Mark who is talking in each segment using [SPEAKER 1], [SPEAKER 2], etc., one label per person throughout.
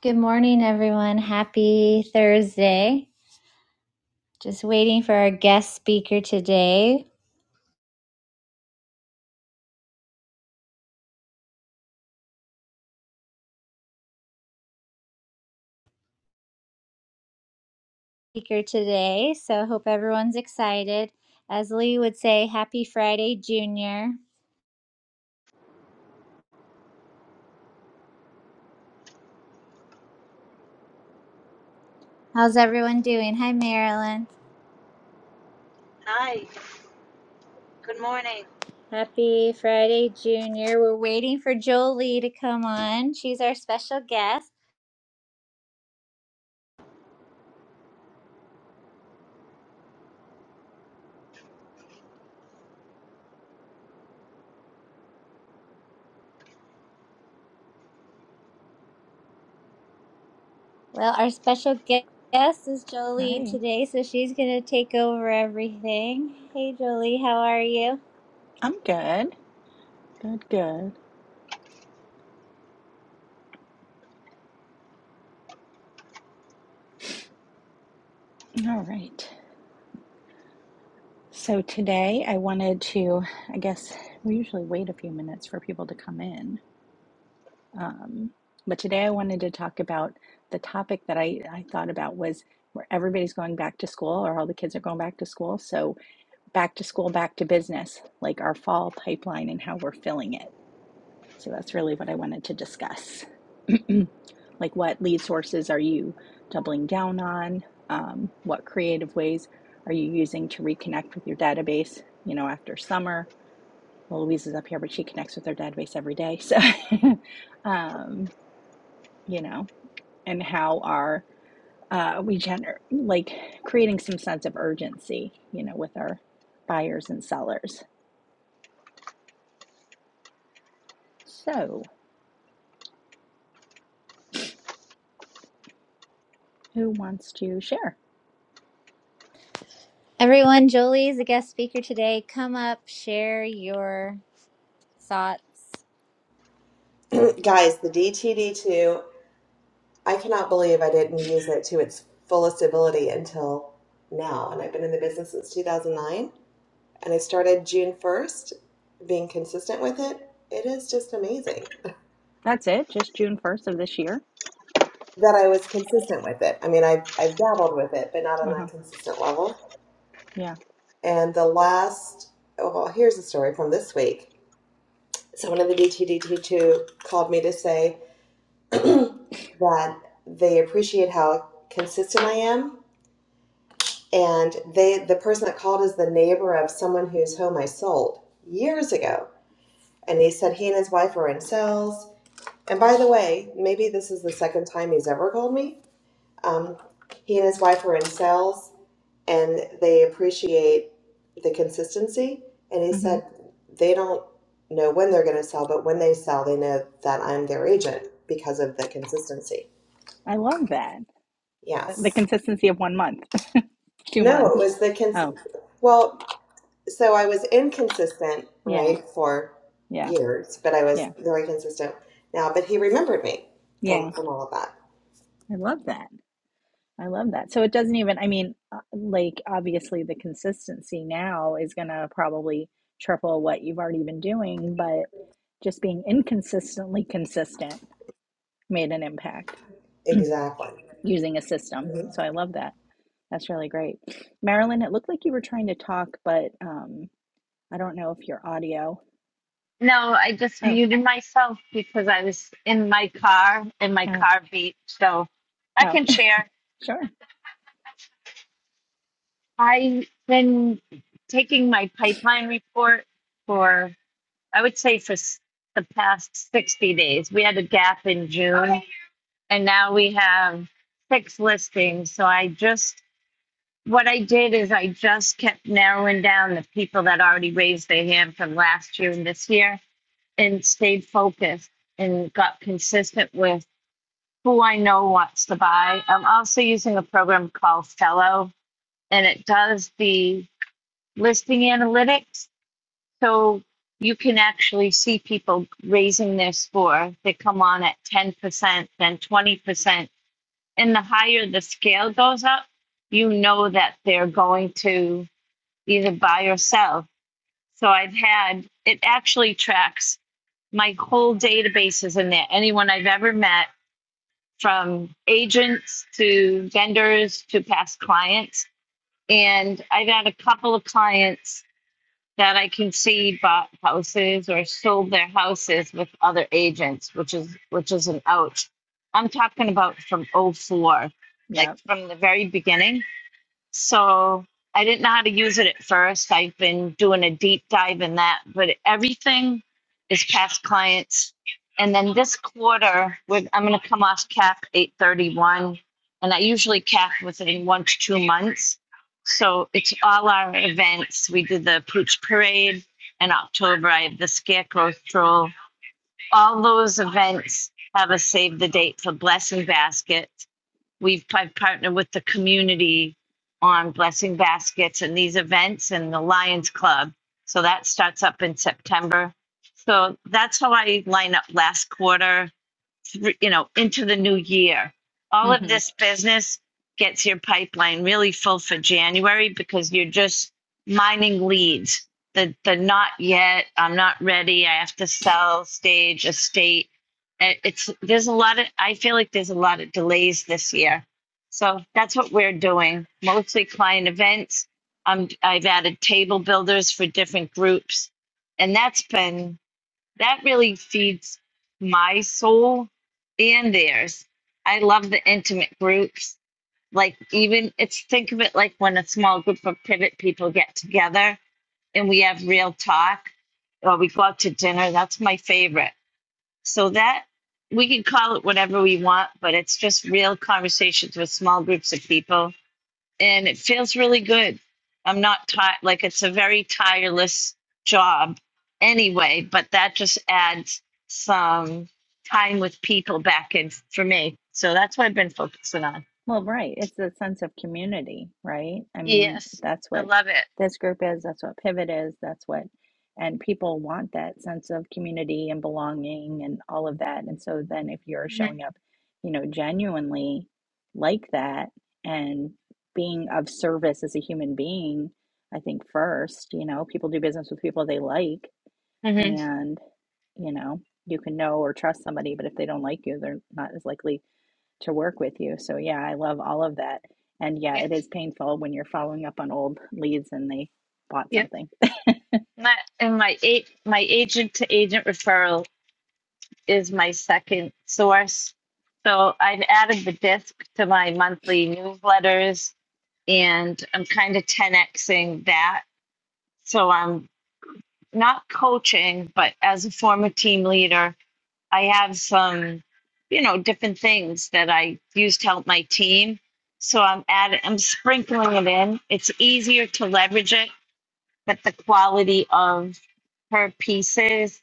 [SPEAKER 1] Good morning, everyone. Happy Thursday. Just waiting for our guest speaker today. Speaker today. So I hope everyone's excited. As Lee would say, happy Friday, Junior. How's everyone doing? Hi, Marilyn.
[SPEAKER 2] Hi, good morning.
[SPEAKER 1] Happy Friday, Junior. We're waiting for Jolie to come on. She's our special guest. Well, our special gue- guest is Jolie
[SPEAKER 3] Hi,
[SPEAKER 1] today, so she's going to take over everything. Hey, Jolie, how are you?
[SPEAKER 3] I'm good. Good, good. All right. So today I wanted to, I guess we usually wait a few minutes for people to come in. Um, but today I wanted to talk about the topic that I, I thought about was where everybody's going back to school or all the kids are going back to school. So back to school, back to business, like our fall pipeline and how we're filling it. So that's really what I wanted to discuss. like, what lead sources are you doubling down on? Um, what creative ways are you using to reconnect with your database? You know, after summer, well, Louise is up here, but she connects with her database every day. So, um, you know, and how are uh, we gener- like creating some sense of urgency, you know, with our buyers and sellers? So, who wants to share?
[SPEAKER 1] Everyone, Jolie is a guest speaker today. Come up, share your thoughts.
[SPEAKER 4] Guys, the DTD2, I cannot believe I didn't use it to its fullest ability until now. And I've been in the business since 2009, and I started June 1st being consistent with it. It is just amazing
[SPEAKER 3] That's it, just June 1st of this year.
[SPEAKER 4] that I was consistent with it. I mean, I've, I've dabbled with it, but not
[SPEAKER 3] Uh huh.
[SPEAKER 4] on a consistent level.
[SPEAKER 3] Yeah.
[SPEAKER 4] And the last, oh, well, here's a story from this week. Someone in the DTD2 called me to say that they appreciate how consistent I am and they the person that called is the neighbor of someone whose home I sold years ago. And he said he and his wife were in sales. And by the way, maybe this is the second time he's ever called me. Um, he and his wife were in sales, and they appreciate the consistency. And he
[SPEAKER 3] hmm
[SPEAKER 4] said they don't know when they're going to sell, but when they sell, they know that I'm their agent because of the consistency.
[SPEAKER 3] I love that. The
[SPEAKER 4] Yes.
[SPEAKER 3] consistency of one month, two
[SPEAKER 4] No, it
[SPEAKER 3] months.
[SPEAKER 4] was the cons.
[SPEAKER 3] Oh,
[SPEAKER 4] Well, so I was inconsistent,
[SPEAKER 3] yeah.
[SPEAKER 4] right, for
[SPEAKER 3] Yeah.
[SPEAKER 4] years, but I was
[SPEAKER 3] Yeah.
[SPEAKER 4] very consistent now. But he remembered me
[SPEAKER 3] Yeah.
[SPEAKER 4] from from all of that.
[SPEAKER 3] I love that. I love that. So it doesn't even, I mean, uh, like, obviously the consistency now is going to probably triple what you've already been doing, but just being inconsistently consistent made an impact
[SPEAKER 4] Exactly.
[SPEAKER 3] using a system. So I love that. That's really great. Marilyn, it looked like you were trying to talk, but um, I don't know if your audio.
[SPEAKER 2] No, I just
[SPEAKER 3] Oh,
[SPEAKER 2] muted myself because I was in my car and my
[SPEAKER 3] oh.
[SPEAKER 2] car beat. So I
[SPEAKER 3] Oh,
[SPEAKER 2] can share.
[SPEAKER 3] Sure.
[SPEAKER 2] I've been taking my pipeline report for, I would say, for s- the past 60 days. We had a gap in June and now we have six listings. So I just, what I did is I just kept narrowing down the people that already raised their hand from last year and this year and stayed focused and got consistent with who I know wants to buy. I'm also using a program called Fellow, and it does the listing analytics. So you can actually see people raising their score. They come on at 10%, then 20%. And the higher the scale goes up, you know that they're going to either buy or sell. So I've had it actually tracks my whole database is in there. Anyone I've ever met, from agents to vendors to past clients. And I've had a couple of clients that I can see bought houses or sold their houses with other agents, which is which is an ouch. I'm talking about from '04, like
[SPEAKER 3] Yep.
[SPEAKER 2] from the very beginning so I didn't know how to use it at first. I've been doing a deep dive in that, but everything is past clients. And then this quarter, we're, I'm going to come off cap 831, and I usually cap within one to two months. So it's all our events. We did the Pooch Parade in October. I have the Scarecrow Stroll. All those events have a save the date for Blessing Basket we've I've partnered with the community on blessing baskets and these events and the Lions Club. So that starts up in September. So that's how I line up last quarter thr- you know, into the new year. All of
[SPEAKER 3] hmm
[SPEAKER 2] this business gets your pipeline really full for January because you're just mining leads. The the not yet, I'm not ready, I have to sell stage, estate. Uh, It's there's a lot of I feel like there's a lot of delays this year. So that's what we're doing. Mostly client events. Um, I've added table builders for different groups, and that's been that really feeds my soul and theirs. I love the intimate groups. Like even it's think of it like when a small group of pivot people get together and we have real talk or we go out to dinner. That's my favorite. So that we can call it whatever we want, but it's just real conversations with small groups of people and it feels really good. I'm not tired, like it's a very tireless job anyway, but that just adds some time with people back in for me. So that's what I've been focusing on.
[SPEAKER 3] Well, right. It's a sense of community, right? I mean,
[SPEAKER 2] Yes,
[SPEAKER 3] that's
[SPEAKER 2] I
[SPEAKER 3] what
[SPEAKER 2] love it.
[SPEAKER 3] this group is. That's what Pivot is. That's what, and people want that sense of community and belonging and all of that. And so then if you're
[SPEAKER 2] Mm-hmm.
[SPEAKER 3] showing up, you know, genuinely like that and being of service as a human being, I think first, you know, people do business with people they like
[SPEAKER 2] Mm-hmm.
[SPEAKER 3] and, you know, you can know or trust somebody, but if they don't like you, they're not as likely to work with you. So yeah, I love all of that. And yeah,
[SPEAKER 2] Yep,
[SPEAKER 3] it is painful when you're following up on old leads and they bought
[SPEAKER 2] yep.
[SPEAKER 3] something.
[SPEAKER 2] My, and my eight, my agent to agent referral is my second source. So I've added the disc to my monthly newsletters, and I'm kind of 10xing that So I'm not coaching, but as a former team leader, I have some, you know, different things that I use to help my team. So I'm add I'm sprinkling it in. It's easier to leverage it, but the quality of her pieces,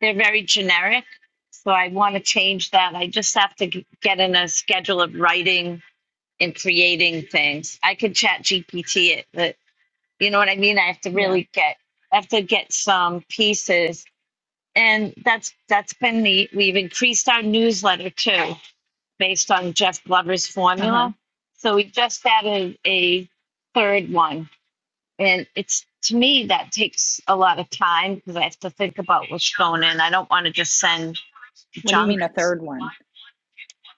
[SPEAKER 2] they're very generic. So I want to change that. I just have to g- get in a schedule of writing and creating things. I could chat GPT it, but. You know what I mean? I have to
[SPEAKER 3] Yeah.
[SPEAKER 2] really get I have to get some pieces. And that's that's been neat. We've increased our newsletter too, based on Jeff Glover's
[SPEAKER 3] Uh-huh.
[SPEAKER 2] formula. So we just added a third one. And it's to me that takes a lot of time because I have to think about what's going in. I don't want to just send
[SPEAKER 3] What do you
[SPEAKER 2] junk.
[SPEAKER 3] mean a third one?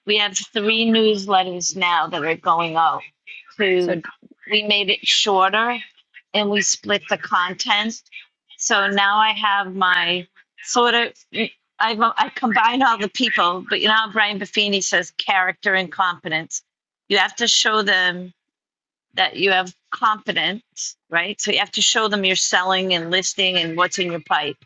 [SPEAKER 2] We have three newsletters now that are going out.
[SPEAKER 3] So
[SPEAKER 2] To we made it shorter, and we split the content. So now I have my sort of. I I combine all the people, but you know how Brian Buffini says character and competence. You have to show them that you have competence, right? So you have to show them your selling and listing and what's in your pipe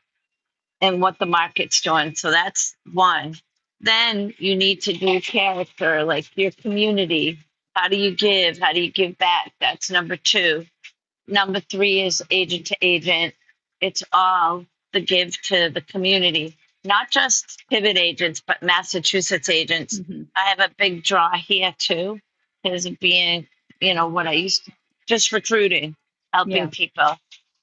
[SPEAKER 2] and what the market's doing. So that's one. Then you need to do character, like your community. How do you give? How do you give back? That's number two. Number three is agent to agent. It's all the give to the community, not just pivot agents, but Massachusetts agents.
[SPEAKER 3] mm-hmm.
[SPEAKER 2] I have a big draw here too, is being, you know, what I used to just recruiting, helping
[SPEAKER 3] yeah,
[SPEAKER 2] people.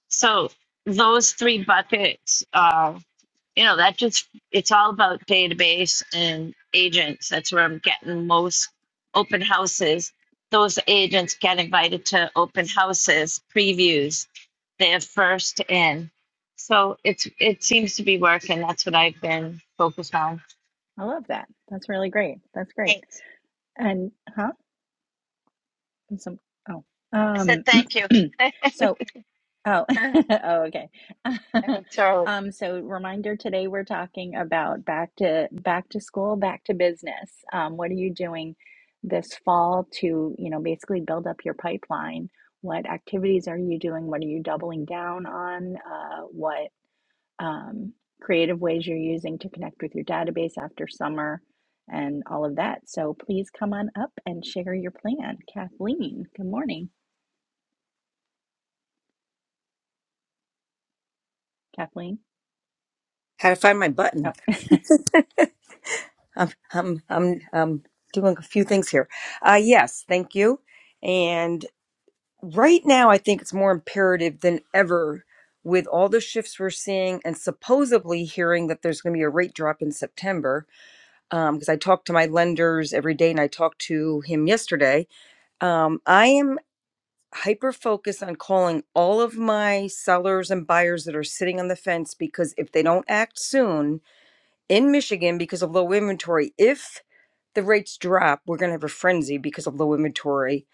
[SPEAKER 2] So those three buckets. are you know that just it's all about database and agents that's where i'm getting most open houses those agents get invited to open houses previews they're first in so it's it seems to be working that's what i've been focused on
[SPEAKER 3] I love that. That's really great. That's great.
[SPEAKER 2] thanks
[SPEAKER 3] And huh? And Some oh.
[SPEAKER 2] i said
[SPEAKER 3] Um
[SPEAKER 2] thank you
[SPEAKER 3] so Oh, oh, okay.
[SPEAKER 2] totally
[SPEAKER 3] Um, so reminder today we're talking about back to back to school, back to business. Um, what are you doing this fall to, you know, basically build up your pipeline? What activities are you doing? What are you doubling down on? Uh, what um, creative ways you're using to connect with your database after summer and all of that. So please come on up and share your plan. Kathleen, good morning. Kathleen.
[SPEAKER 5] how to find my
[SPEAKER 3] Oh,
[SPEAKER 5] button. I'm I'm I'm I'm doing a few things here. Uh yes, thank you. And right now I think it's more imperative than ever with all the shifts we're seeing and supposedly hearing that there's going to be a rate drop in September um because I talk to my lenders every day and I talked to him yesterday. Um I am hyper focused on calling all of my sellers and buyers that are sitting on the fence because if they don't act soon in Michigan because of low inventory. If the rates drop, we're going to have a frenzy because of low inventory.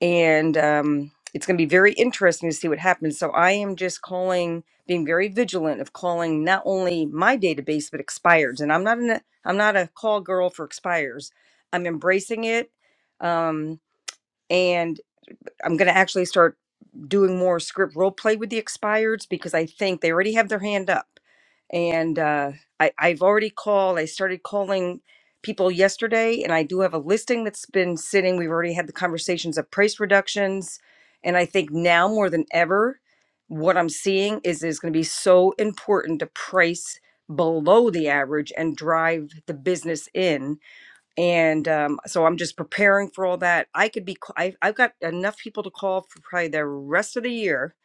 [SPEAKER 5] And um, it's going to be very interesting to see what happens. So I am just calling, being very vigilant of calling not only my database, but expires. And I'm not, an, I'm not a call girl for expires. I'm embracing it. Um, and I'm going to actually start doing more script role play with the expireds because I think they already have their hand up. And uh, I, I've already called, I started calling people yesterday, and I do have a listing that's been sitting. We've already had the conversations of price reductions. And I think now more than ever, what I'm seeing is it's going to be so important to price below the average and drive the business in and um, so I'm just preparing for all that. I could be, ca- i have got enough people to call for probably the rest of the year.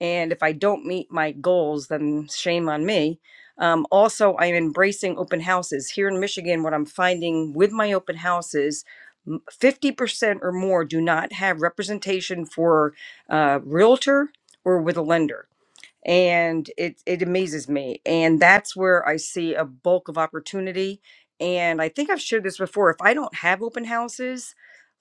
[SPEAKER 5] And if I don't meet my goals, then shame on me. Um, also, I'm embracing open houses here in Michigan. What I'm finding with my open houses, m- 50% or more do not have representation for uh, realtor or with a lender and it it amazes me and that's where i see a bulk of opportunity and i think i've shared this before if i don't have open houses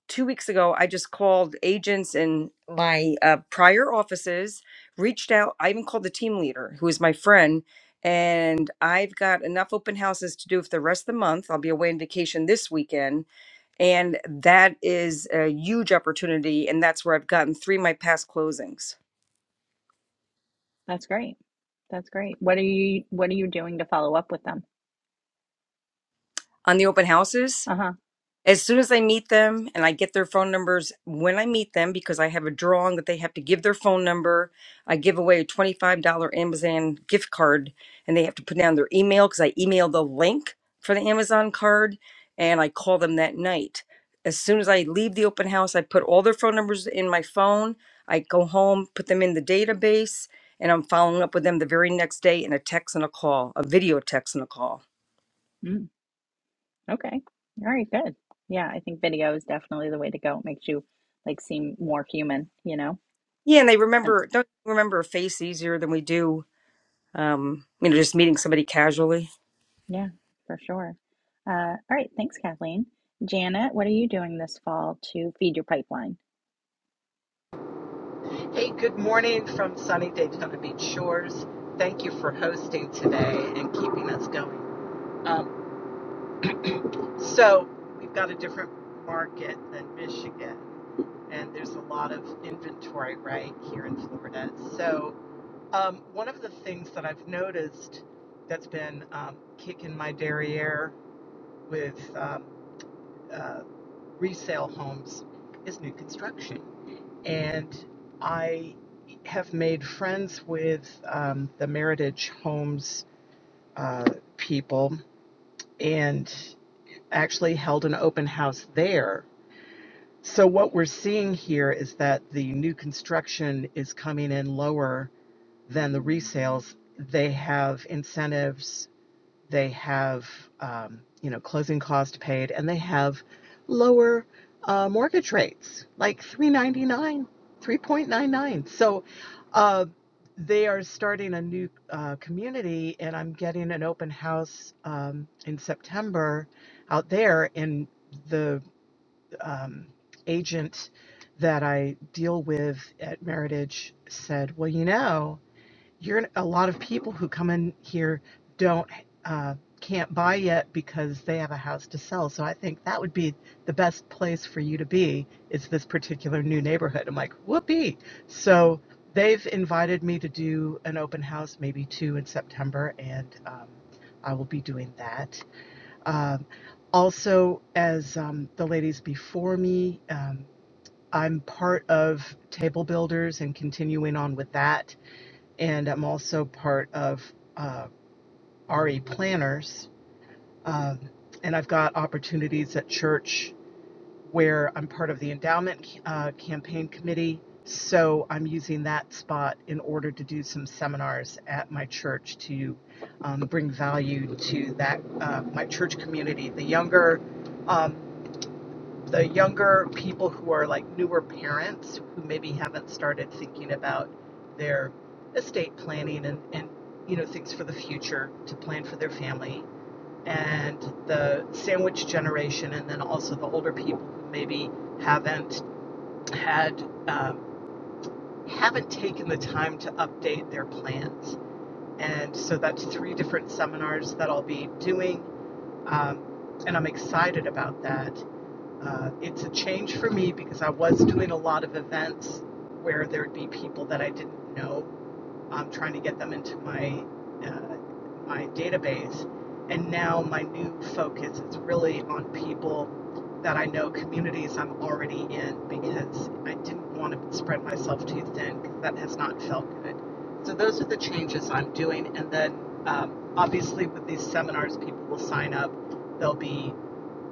[SPEAKER 5] two weeks ago i just called agents in my uh, prior offices reached out i even called the team leader who is my friend and i've got enough open houses to do for the rest of the month i'll be away on vacation this weekend and that is a huge opportunity and that's where i've gotten three of my past closings
[SPEAKER 3] That's great. That's great. What are you what are you doing to follow up with them?
[SPEAKER 5] on the open houses
[SPEAKER 3] Uh-huh.
[SPEAKER 5] as soon as I meet them and I get their phone numbers when I meet them, because I have a drawing that they have to give their phone number, I give away a $25 Amazon gift card and they have to put down their email because I email the link for the Amazon card and I call them that night. As soon as I leave the open house, I put all their phone numbers in my phone. I go home, put them in the database, and I'm following up with them the very next day in a text and a call, a video text and a call.
[SPEAKER 3] Mm, okay. All right, good. Yeah, I think video is definitely the way to go. It makes you like seem more human, you know?
[SPEAKER 5] Yeah, and they
[SPEAKER 3] And
[SPEAKER 5] remember, don't remember a face easier than we do um, you know, just meeting somebody casually.
[SPEAKER 3] yeah, for sure. Uh, all right, thanks, Kathleen. Janet, what are you doing this fall to feed your pipeline?
[SPEAKER 6] Hey, good morning from sunny Daytona Beach shores. Thank you for hosting today and keeping us going. Um, so, we've got a different market than Michigan, and there's a lot of inventory right here in Florida. So, um, one of the things that I've noticed that's been um, kicking my derriere with um, uh, resale homes is new construction. and I have made friends with um, the Meritage Homes uh, people and actually held an open house there. So, what we're seeing here is that the new construction is coming in lower than the resales. They have incentives they have um, you know closing costs paid and they have lower uh, mortgage rates like 399 3.99 so uh, they are starting a new uh, community and i'm getting an open house um, in september out there and the um, agent that i deal with at meritage said well you know you're a lot of people who come in here don't uh, can't buy yet because they have a house to sell. So I think that would be the best place for you to be is this particular new neighborhood. I'm like, whoopee. So they've invited me to do an open house, maybe two in September, and um, I will be doing that. Um, also, as um, the ladies before me, um, I'm part of Table Builders and continuing on with that and I'm also part of uh, RE Planners. Um, and I've got opportunities at church where I'm part of the endowment uh, campaign committee. So I'm using that spot in order to do some seminars at my church to um, bring value to that uh, my church community, the younger. um, the younger people who are like newer parents who maybe haven't started thinking about their estate planning and, and you know things for the future to plan for their family and the sandwich generation and then also the older people who maybe haven't had um, haven't taken the time to update their plans and so that's three different seminars that i'll be doing um, and i'm excited about that uh, it's a change for me because I was doing a lot of events where there'd be people that I didn't know. I'm trying to get them into my uh, my database, and now my new focus is really on people that I know, communities I'm already in, because I didn't want to spread myself too thin because that has not felt good. So those are the changes I'm doing, and then um, obviously with these seminars, people will sign up. They'll be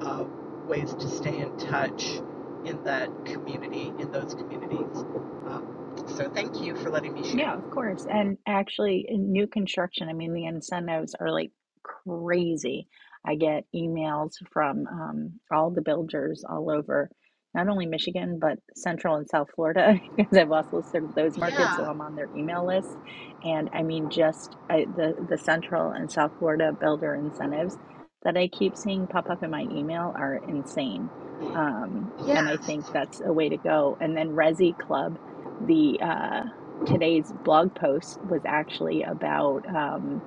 [SPEAKER 6] uh, ways to stay in touch in that community, in those communities. Um, so thank you for letting me share.
[SPEAKER 3] Yeah, of course. And actually, in new construction, I mean, the incentives are like crazy. I get emails from um, all the builders all over, not only Michigan, but Central and South Florida, because I've also served those markets, so
[SPEAKER 6] Yeah,
[SPEAKER 3] I'm on their email list. And I mean, just uh, the the Central and South Florida builder incentives that I keep seeing pop up in my email are insane. Um, and I
[SPEAKER 6] yes.
[SPEAKER 3] think that's a way to go. And then Resi Club the uh, today's blog post was actually about um,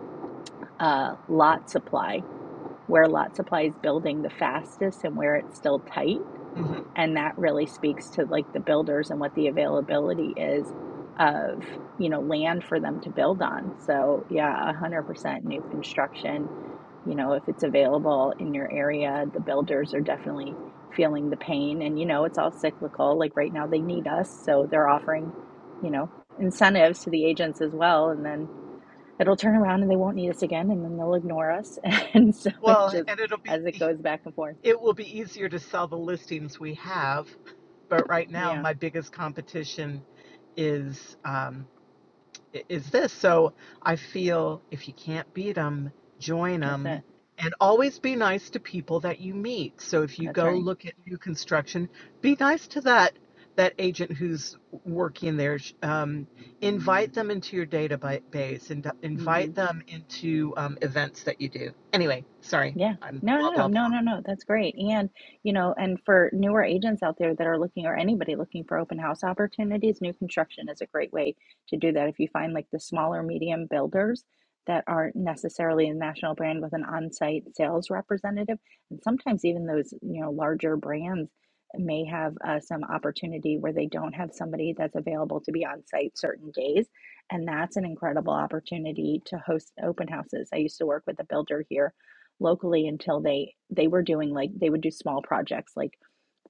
[SPEAKER 3] uh, lot supply, where lot supply is building the fastest and where it's still tight.
[SPEAKER 6] hmm
[SPEAKER 3] And that really speaks to like the builders and what the availability is of, you know, land for them to build on. So yeah, 100% new construction you know, if it's available in your area, the builders are definitely feeling the pain. And, you know, it's all cyclical. Like right now, they need us. So they're offering, you know, incentives to the agents as well. And then it'll turn around and they won't need us again. And then they'll ignore us. And so it
[SPEAKER 6] Well,
[SPEAKER 3] just,
[SPEAKER 6] and it'll be
[SPEAKER 3] as it goes back and forth.
[SPEAKER 6] it will be easier to sell the listings we have, but right now
[SPEAKER 3] Yeah,
[SPEAKER 6] my biggest competition is um, is this. So I feel if you can't beat them, join
[SPEAKER 3] that's it.
[SPEAKER 6] them. And always be nice to people that you meet. So if you
[SPEAKER 3] That's
[SPEAKER 6] go
[SPEAKER 3] right.
[SPEAKER 6] look at new construction, be nice to that that agent who's working there. Um, invite them into your database and
[SPEAKER 3] Mm-hmm.
[SPEAKER 6] invite them into um, events that you do. Anyway, sorry.
[SPEAKER 3] Yeah.
[SPEAKER 6] I'm
[SPEAKER 3] No,
[SPEAKER 6] blah
[SPEAKER 3] no,
[SPEAKER 6] blah blah.
[SPEAKER 3] no, no, no. That's great. And, you know, and for newer agents out there that are looking or anybody looking for open house opportunities, new construction is a great way to do that. If you find like the smaller medium builders that aren't necessarily a national brand with an on-site sales representative, and sometimes even those, you know, larger brands may have uh, some opportunity where they don't have somebody that's available to be on site certain days. And that's an incredible opportunity to host open houses. I used to work with a builder here locally until they they were doing like they would do small projects like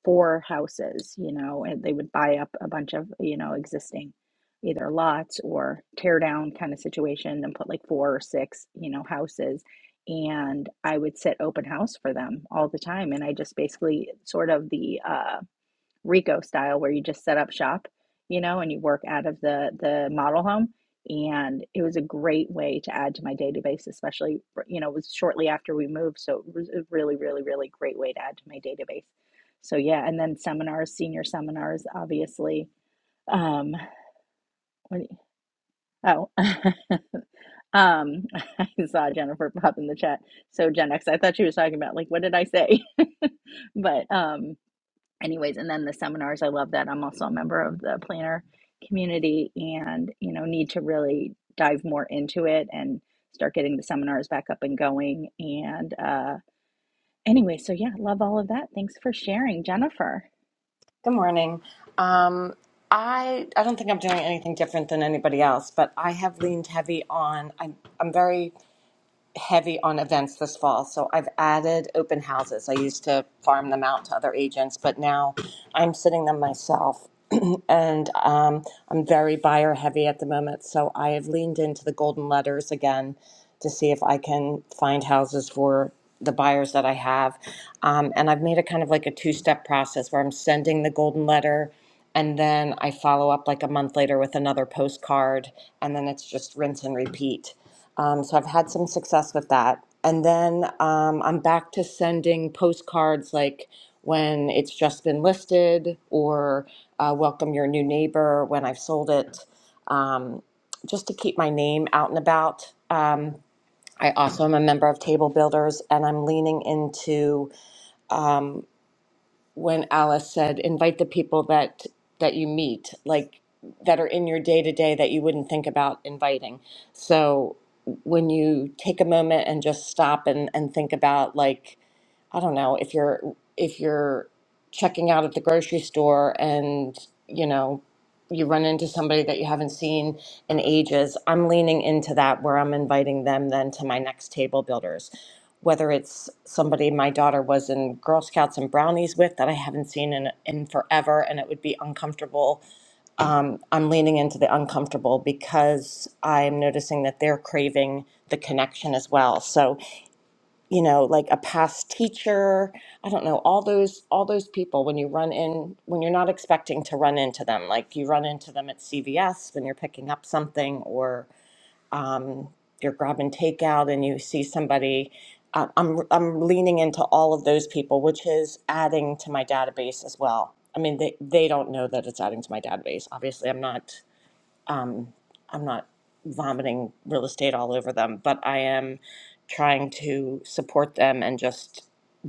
[SPEAKER 3] four houses you know and they would buy up a bunch of you know existing either lots or tear down kind of situation and put like four or six you know houses and i would set open house for them all the time and i just basically sort of the uh Rico style where you just set up shop, you know, and you work out of the the model home. And it was a great way to add to my database, especially you know, it was shortly after we moved, so it was a really, really, really great way to add to my database. So yeah, and then seminars, senior seminars, obviously. Um, oh, um, I saw Jennifer pop in the chat. So Gen X, I thought she was talking about like, what did I say? but um, anyways and then the seminars i love that i'm also a member of the planner community and you know need to really dive more into it and start getting the seminars back up and going and uh anyway so yeah love all of that thanks for sharing jennifer
[SPEAKER 7] Good morning. Um, I I don't think I'm doing anything different than anybody else, but I have leaned heavy on. I'm I'm very heavy on events this fall. So I've added open houses. I used to farm them out to other agents, but now I'm sitting them myself. and um, I'm very buyer heavy at the moment. So I have leaned into the golden letters again to see if I can find houses for the buyers that I have. Um, and I've made it kind of like a two step process where I'm sending the golden letter. And then I follow up like a month later with another postcard, and then it's just rinse and repeat. Um, so I've had some success with that. And then um, I'm back to sending postcards like when it's just been listed or uh, welcome your new neighbor when I've sold it, um, just to keep my name out and about. Um, I also am a member of Table Builders and I'm leaning into um, when Alice said, invite the people that that you meet, like that are in your day to day that you wouldn't think about inviting. So when you take a moment and just stop and, and think about like, I don't know, if you're if you're checking out at the grocery store and, you know, you run into somebody that you haven't seen in ages, I'm leaning into that where I'm inviting them then to my next table builders whether it's somebody my daughter was in Girl Scouts and Brownies with that I haven't seen in, in forever and it would be uncomfortable. Um, I'm leaning into the uncomfortable because I'm noticing that they're craving the connection as well. So, you know, like a past teacher, I don't know, all those all those people when you run in when you're not expecting to run into them, like you run into them at CVS when you're picking up something or um, you're grabbing takeout and you see somebody. Uh, I'm I'm leaning into all of those people, which is adding to my database as well. I mean, they they don't know that it's adding to my database. Obviously, I'm not I'm not vomiting real estate all over them, but I am trying to support them and just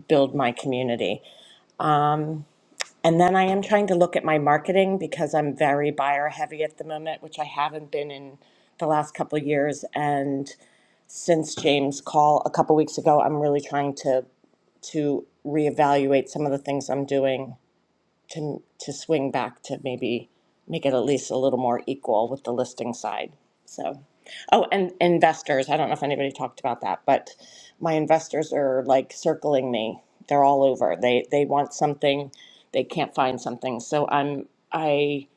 [SPEAKER 7] build my community. And then I am trying to look at my marketing because I'm very buyer heavy at the moment, which I haven't been in the last couple of years. And since James' call a couple weeks ago, I'm really trying to to reevaluate some of the things I'm doing to to swing back to maybe make it at least a little more equal with the listing side. So, oh, and investors. I don't know if anybody talked about that, but my investors are like circling me. They're all over. They they want something, they can't find something. So I'm I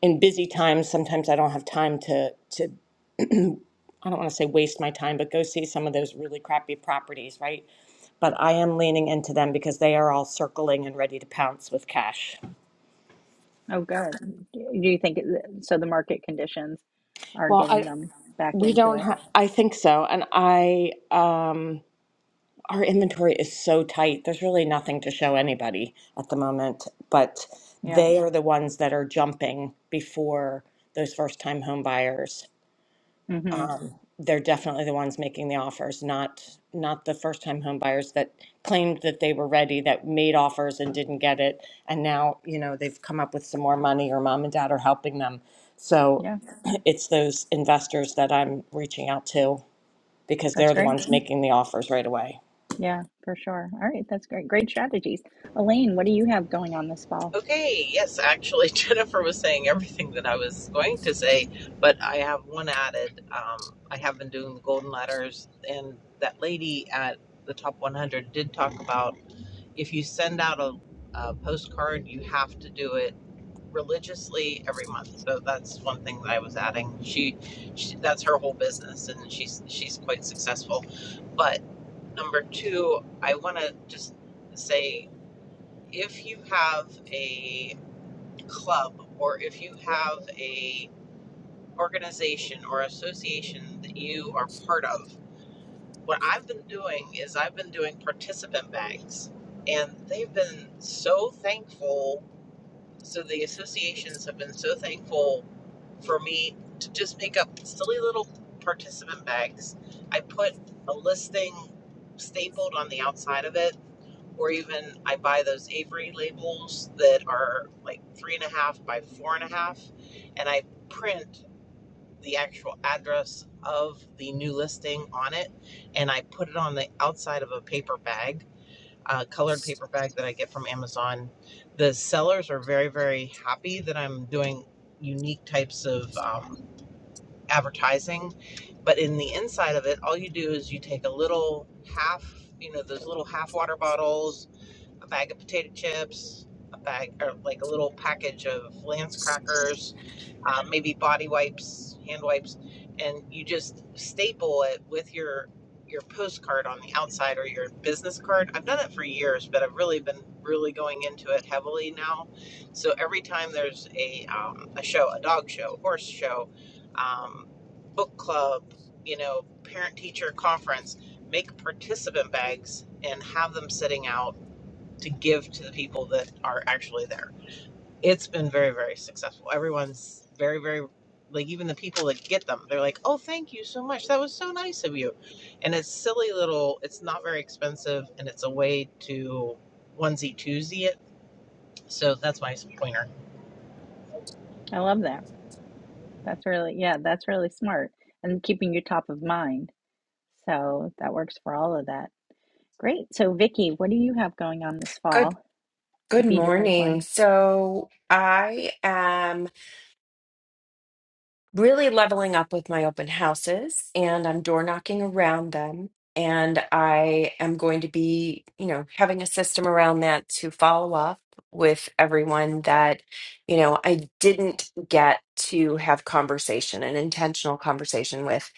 [SPEAKER 7] in busy times. Sometimes I don't have time to to I don't want to say waste my time, but go see some of those really crappy properties, right? But I am leaning into them because they are all circling and ready to pounce with cash.
[SPEAKER 3] oh good do you think it, so the market conditions are
[SPEAKER 7] Well,
[SPEAKER 3] getting
[SPEAKER 7] I
[SPEAKER 3] them back
[SPEAKER 7] we
[SPEAKER 3] into
[SPEAKER 7] don't
[SPEAKER 3] it
[SPEAKER 7] have. I think so, and I um, our inventory is so tight. There's really nothing to show anybody at the moment, but
[SPEAKER 3] yeah
[SPEAKER 7] they are the ones that are jumping before those first time home buyers.
[SPEAKER 3] mm-hmm
[SPEAKER 7] um, they're definitely the ones making the offers, not, not the first-time home buyers that claimed that they were ready, that made offers and didn't get it. And now, you know, they've come up with some more money or mom and dad are helping them. So
[SPEAKER 3] yeah
[SPEAKER 7] it's those investors that I'm reaching out to because
[SPEAKER 3] that's
[SPEAKER 7] they're the
[SPEAKER 3] great
[SPEAKER 7] ones making the offers right away.
[SPEAKER 3] yeah for sure all right that's great great strategies elaine what do you have going on this fall
[SPEAKER 8] Okay, yes, actually, Jennifer was saying everything that I was going to say, but I have one added. Um, I have been doing the golden letters, and that lady at the top 100 did talk about if you send out a, a postcard, you have to do it religiously every month. So that's one thing that I was adding. She, she that's her whole business, and she's she's quite successful. But number two, I want to just say if you have a club or if you have a organization or association that you are part of what i've been doing is i've been doing participant bags and they've been so thankful so the associations have been so thankful for me to just make up silly little participant bags i put a listing stapled on the outside of it or even I buy those Avery labels that are like three and a half by four and a half, and I print the actual address of the new listing on it, and I put it on the outside of a paper bag, a colored paper bag that I get from Amazon. The sellers are very, very happy that I'm doing unique types of um, advertising, but in the inside of it, all you do is you take a little half, you know, those little half water bottles a bag of potato chips, a bag or like a little package of Lance crackers, um, maybe body wipes, hand wipes, and you just staple it with your your postcard on the outside or your business card. I've done it for years, but I've really been really going into it heavily now. So every time there's a um, a show, a dog show, horse show, um, book club, you know, parent teacher conference, make participant bags and have them sitting out to give to the people that are actually there. It's been very, very successful. Everyone's very, very like even the people that get them, they're like, "Oh, thank you so much. That was so nice of you." And it's silly little. It's not very expensive, and it's a way to onesie twosie it. So that's my pointer.
[SPEAKER 3] i love that That's really, yeah, that's really smart and keeping you top of mind. So that works for all of that. Great. So, Vicky, what do you have going on this
[SPEAKER 9] Good
[SPEAKER 3] fall to
[SPEAKER 9] good
[SPEAKER 3] feed your pipeline?
[SPEAKER 9] morning. So I am really leveling up with my open houses and I'm door knocking around them. And I am going to be, you know, having a system around that to follow up with everyone that, you know, I didn't get to have conversation, an intentional conversation with.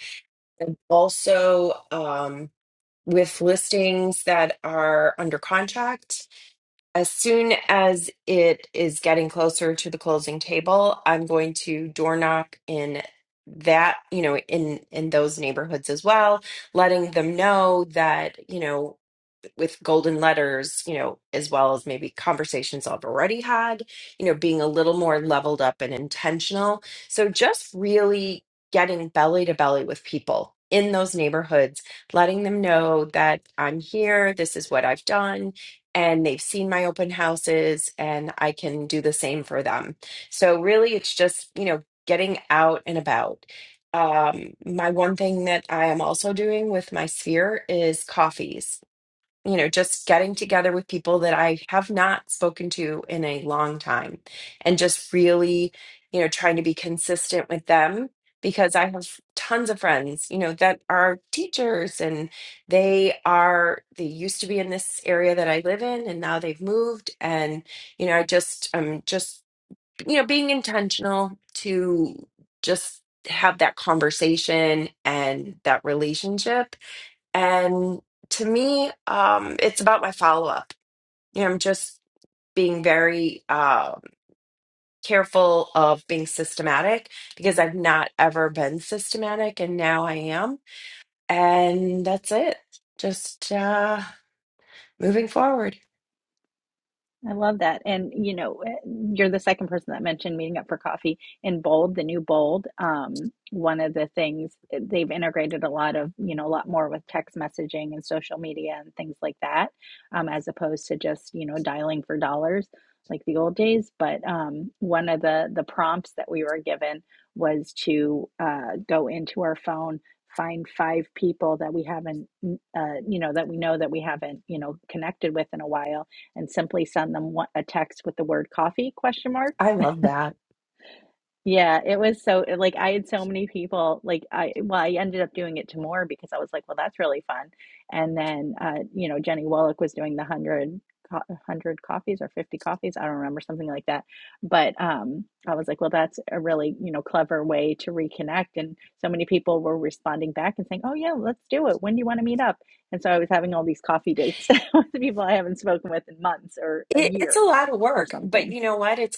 [SPEAKER 9] And also um, with listings that are under contract As soon as it is getting closer to the closing table, I'm going to door knock in that, you know, in in those neighborhoods as well, letting them know that, you know, with golden letters, you know, as well as maybe conversations I've already had, you know, being a little more leveled up and intentional. So just really getting belly to belly with people in those neighborhoods, letting them know that I'm here, this is what I've done, and they've seen my open houses and I can do the same for them. So really it's just, you know, getting out and about. Um, my one thing that I am also doing with my sphere is coffees you know, just getting together with people that I have not spoken to in a long time and just really, you know, trying to be consistent with them because I have tons of friends, you know, that are teachers and they are, they used to be in this area that I live in and now they've moved. And, you know, I just, I'm just, you know, being intentional to just have that conversation and that relationship and to me, um, it's about my follow up. You know, I'm just being very uh, careful of being systematic because I've not ever been systematic, and now I am. And that's it. Just uh, moving forward.
[SPEAKER 3] I love that. And, you know, eh, you're the second person that mentioned meeting up for coffee in Bold, the new Bold. Um, one of the things eh, they've integrated a lot of, you know, a lot more with text messaging and social media and things like that, um, as opposed to just, you know, dialing for dollars like the old days. But um, one of the the prompts that we were given was to uh, go into our phone, find five people that we haven't, mm, uh, you know, that we know that we haven't, you know, connected with in a while and simply send them one- a text with the word coffee question mark
[SPEAKER 9] I love that.
[SPEAKER 3] yeah, it was so like I had so many people like I well I ended up doing it to more because I was like, well, that's really fun. And then uh, you know, Jenny Wallach was doing the 100 co- 100 coffees or 50 coffees, I don't remember something like that. But um I was like, well, that's a really, you know, clever way to reconnect and so many people were responding back and saying, "Oh yeah, let's do it. When do you want to meet up?" And so I was having all these coffee dates with the people I haven't spoken with in months or a
[SPEAKER 9] It, it's a
[SPEAKER 3] year
[SPEAKER 9] lot of
[SPEAKER 3] or
[SPEAKER 9] work, but
[SPEAKER 3] something.
[SPEAKER 9] you know what? It's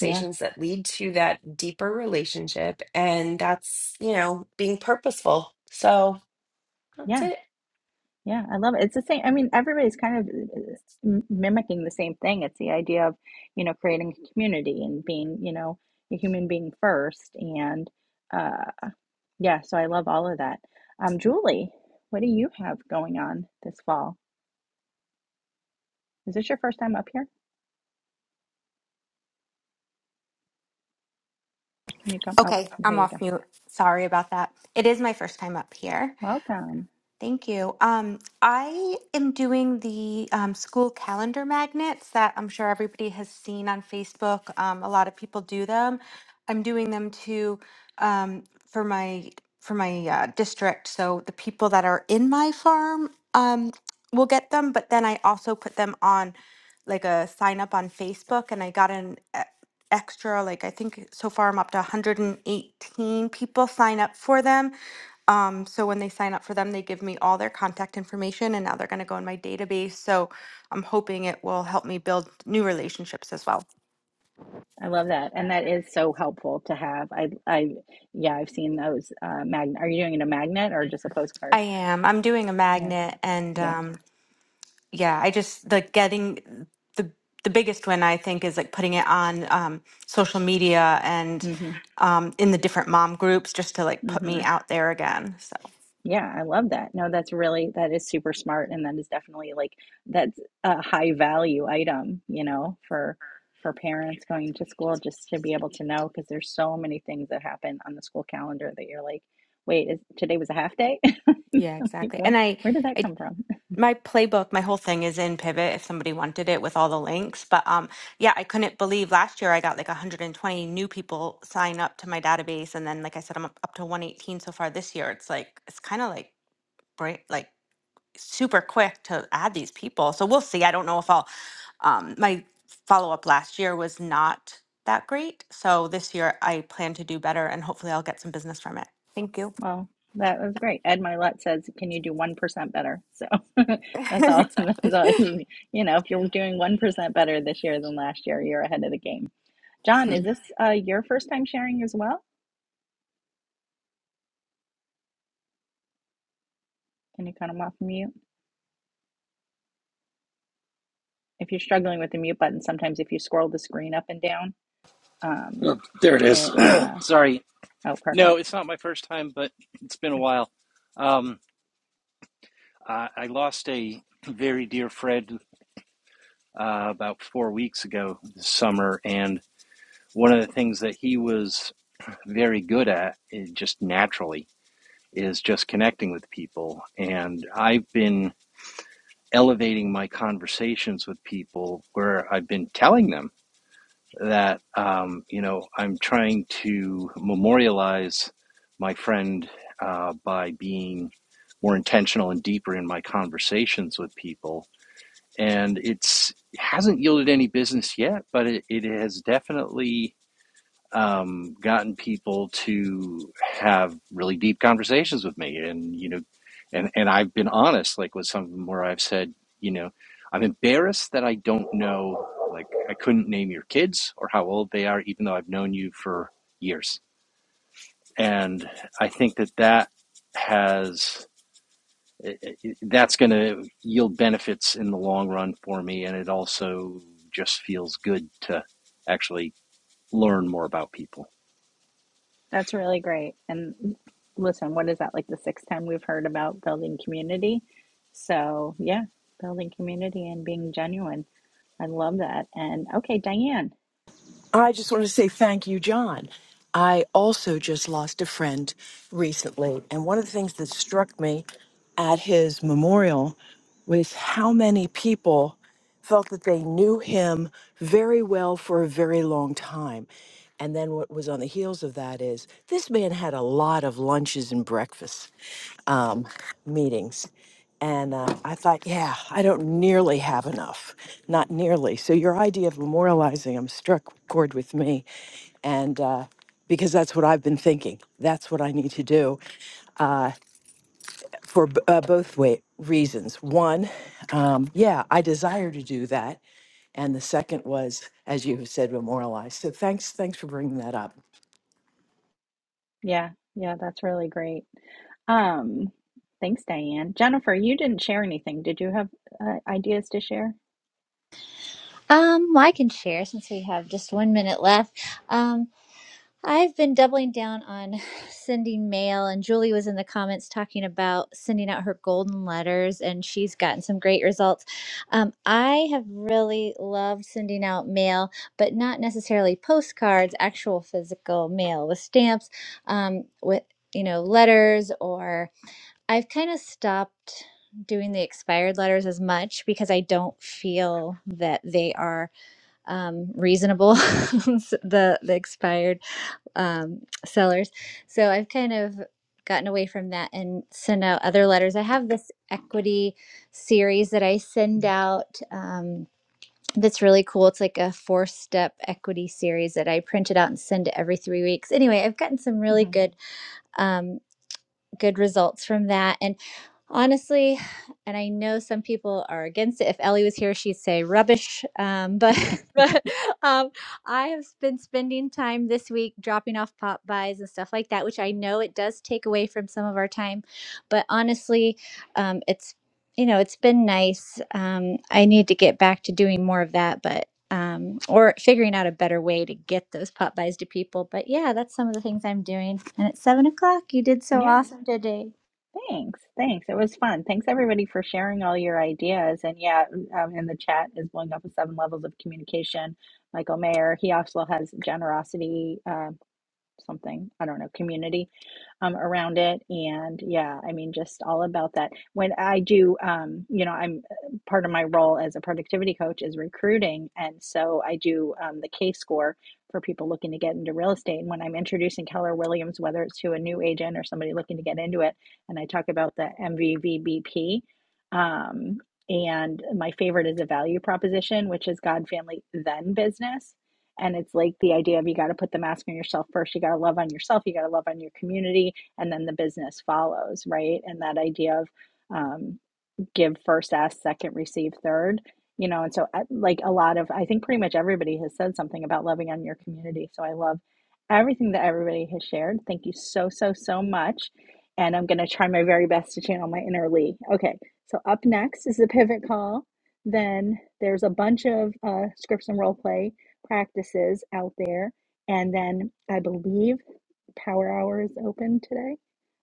[SPEAKER 3] Yeah.
[SPEAKER 9] that lead to that deeper relationship, and that's you know being purposeful. So that's
[SPEAKER 3] Yeah.
[SPEAKER 9] it.
[SPEAKER 3] Yeah, I love it. It's the same. I mean, everybody's kind of uh, m- mimicking the same thing. It's the idea of, you know, creating a community and being, you know, a human being first. And uh, yeah, so I love all of that. Um, Julie, what do you have going on this fall? Is this your first time up here? Can you come? Oh,
[SPEAKER 10] Okay,
[SPEAKER 3] there
[SPEAKER 10] I'm
[SPEAKER 3] you go.
[SPEAKER 10] off mute. Sorry about that. It is my first time up here.
[SPEAKER 3] Welcome.
[SPEAKER 10] Thank you. Um, I am doing the um, school calendar magnets that I'm sure everybody has seen on Facebook. Um, a lot of people do them. I'm doing them too um, for my for my uh, district. So the people that are in my farm um, will get them, but then I also put them on like a sign up on Facebook, and I got an e- extra like I think so far I'm up to 118 people sign up for them um, so when they sign up for them, they give me all their contact information and now they're going to go in my database. So I'm hoping it will help me build new relationships as well.
[SPEAKER 3] I love that. And that is so helpful to have. I, I, yeah, I've seen those uh, magnet. Are you doing it a magnet or just a
[SPEAKER 10] I
[SPEAKER 3] postcard?
[SPEAKER 10] am. I'm doing a
[SPEAKER 3] Yeah.
[SPEAKER 10] magnet and
[SPEAKER 3] Yeah.
[SPEAKER 10] um yeah, I just like getting mm, the the biggest win I think is like putting it on um social media and
[SPEAKER 3] Mm-hmm.
[SPEAKER 10] um in the different mom groups just to like put
[SPEAKER 3] Mm-hmm.
[SPEAKER 10] me out there again. So
[SPEAKER 3] Yeah, I love that. No, that's really that is super smart and that is definitely like that's a high value item, you know, for for parents going to school just to be able to know because there's so many things that happen on the school calendar that you're like, wait, is today was a half day?
[SPEAKER 10] yeah,
[SPEAKER 3] Like
[SPEAKER 10] exactly.
[SPEAKER 3] when
[SPEAKER 10] And I
[SPEAKER 3] where did that
[SPEAKER 10] I
[SPEAKER 3] come from?
[SPEAKER 10] my playbook, my whole thing is in Pivot if somebody wanted it with all the links. But um, yeah, I couldn't believe last year I got like 120 new people sign up to my database, and then like I said, I'm up up to 118 so far this year. It's like it's kind of like bra- like super quick to add these people. So we'll see. I don't know if I'll. Um, my follow up last year was not that great, so this year I plan to do better, and hopefully I'll get some business from it. Thank you.
[SPEAKER 3] Well, that was great. Ed Milet says, "Can you do 1% better?" So that's all that's
[SPEAKER 10] exactly.
[SPEAKER 3] all you you know, if you're doing 1% better this year than last year, you're ahead of the game. John, is this uh, your first time sharing as well? Can you kind of off mute? If you're struggling with the mute button, sometimes if you scroll the screen up and down, um,
[SPEAKER 11] Oh, there it is.
[SPEAKER 3] it, uh,
[SPEAKER 11] Sorry.
[SPEAKER 3] oh,
[SPEAKER 11] No,
[SPEAKER 3] perfect.
[SPEAKER 11] it's not my first time, but it's been a while. Um, I, I lost a very dear friend uh, about four weeks ago this summer, and one of the things that he was very good at, is just naturally, is just connecting with people. And I've been elevating my conversations with people where I've been telling them. that um, you know I'm trying to memorialize my friend uh, by being more intentional and deeper in my conversations with people, and it's it hasn't yielded any business yet, but it, it has definitely um, gotten people to have really deep conversations with me and you know and and I've been honest like with some of them where I've said you know I'm embarrassed that I don't know like I couldn't name your kids or how old they are even though I've known you for years and I think that that has that's going to yield benefits in the long run for me and it also just feels good to actually learn more about people
[SPEAKER 3] That's really great. And listen, what is that, like the sixth time we've heard about building community? So, yeah, building community and being genuine. I love that. And okay, Diane.
[SPEAKER 12] I just want to say thank you, John. I also just lost a friend recently. And one of the things that struck me at his memorial was how many people felt that they knew him very well for a very long time. And then what was on the heels of that is this man had a lot of lunches and breakfasts um, meetings. And uh, I thought, yeah, I don't nearly have enough, not nearly. So your idea of memorializing them struck chord with me, and uh, because that's what I've been thinking. That's what I need to do for b- uh, both way reasons. One, um, yeah, I desire to do that, and the second was, as you have said, memorialize. So thanks, thanks for bringing that up.
[SPEAKER 3] Yeah, yeah, that's really great. Um, thanks, Diane. Jennifer, you didn't share anything. Did you have uh, ideas to share?
[SPEAKER 1] Um, well, I can share since we have just one minute left. Um, I've been doubling down on sending mail, and Julie was in the comments talking about sending out her golden letters, and she's gotten some great results. Um, I have really loved sending out mail, but not necessarily postcards, actual physical mail with stamps, um, with you know letters or I've kind of stopped doing the expired letters as much because I don't feel that they are um, reasonable, s- the the expired um, sellers. So I've kind of gotten away from that and send out other letters. I have this equity series that I send out. Um, that's really cool. It's like a four step equity series that I print it out and send it every three weeks. Anyway, I've gotten some really
[SPEAKER 3] hmm
[SPEAKER 1] good. um, good results from that. And honestly, and I know some people are against it. If Ellie was here, she'd say rubbish. Um, but but um, I have been spending time this week dropping off pop buys and stuff like that, which I know it does take away from some of our time. But honestly, um, it's you know it's been nice. Um, I need to get back to doing more of that, but um, or figuring out a better way to get those pop buys to people. But yeah, that's some of the things I'm doing. And it's seven o'clock. You did so awesome today.
[SPEAKER 3] Thanks. Thanks. It was fun. Thanks everybody for sharing all your ideas. And yeah, um, in the chat is blowing up with seven levels of communication. Michael Mayer, he also has generosity, uh, something, I don't know, community um, around it. And yeah, I mean, just all about that. When I do, um, you know, I'm uh, part of my role as a productivity coach is recruiting. And so I do um, the K score for people looking to get into real estate. And when I'm introducing Keller Williams, whether it's to a new agent or somebody looking to get into it, and I talk about the MVVBP. Um, and my favorite is a value proposition, which is God, family, then business and it's like the idea of you got to put the mask on yourself first. You got to love on yourself. You got to love on your community, and then the business follows, right? And that idea of, um, give first, ask second, receive third. You know, and so uh, like a lot of, I think pretty much everybody has said something about loving on your community. So I love everything that everybody has shared. Thank you so, so, so much. And I'm going to try my very best to channel my inner Lee. Okay, so up next is the pivot call. Then there's a bunch of uh, scripts and role play practices out there. And then I believe Power Hour is open today.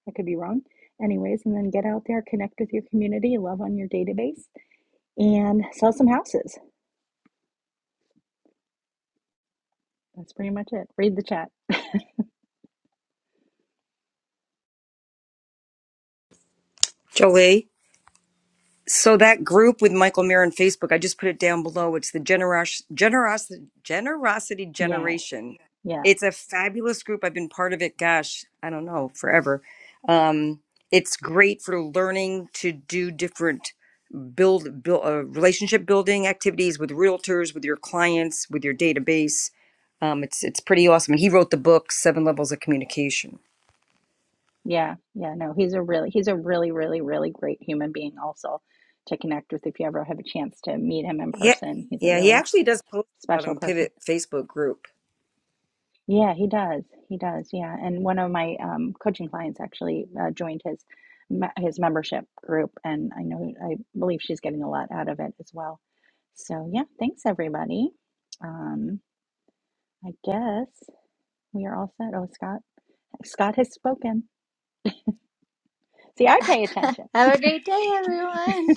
[SPEAKER 3] I could be wrong anyways, and then get out there, connect with your community, love on your database, and sell some houses. That's pretty much it. Read the chat.
[SPEAKER 5] Jolie. So that group with Michael Mir on Facebook, I just put it down below. It's the generos- generosity generosity
[SPEAKER 3] Yes.
[SPEAKER 5] generation.
[SPEAKER 3] Yes.
[SPEAKER 5] It's a fabulous group. I've been part of it. Gosh, I don't know, forever. Um, it's great for learning to do different build, build uh, relationship building activities with realtors, with your clients, with your database. Um, it's it's pretty awesome. And he wrote the book Seven Levels of Communication.
[SPEAKER 3] Yeah. Yeah. No, he's a really, he's a really, really, really great human being also to connect with if you ever have a chance to meet him in
[SPEAKER 5] Yeah,
[SPEAKER 3] person. He's a
[SPEAKER 5] yeah, he
[SPEAKER 3] really
[SPEAKER 5] actually does post about
[SPEAKER 3] special
[SPEAKER 5] him
[SPEAKER 3] person.
[SPEAKER 5] Pivot Facebook group.
[SPEAKER 3] Yeah, he does. He does. Yeah, and one of my um, coaching clients actually uh, joined his me- his membership group, and I know I believe she's getting a lot out of it as well. So yeah, thanks everybody. Um, I guess we are all set. Oh, Scott, Scott has spoken. See, I pay
[SPEAKER 1] Have
[SPEAKER 3] attention.
[SPEAKER 1] a great day, everyone.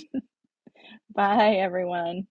[SPEAKER 3] Bye, everyone.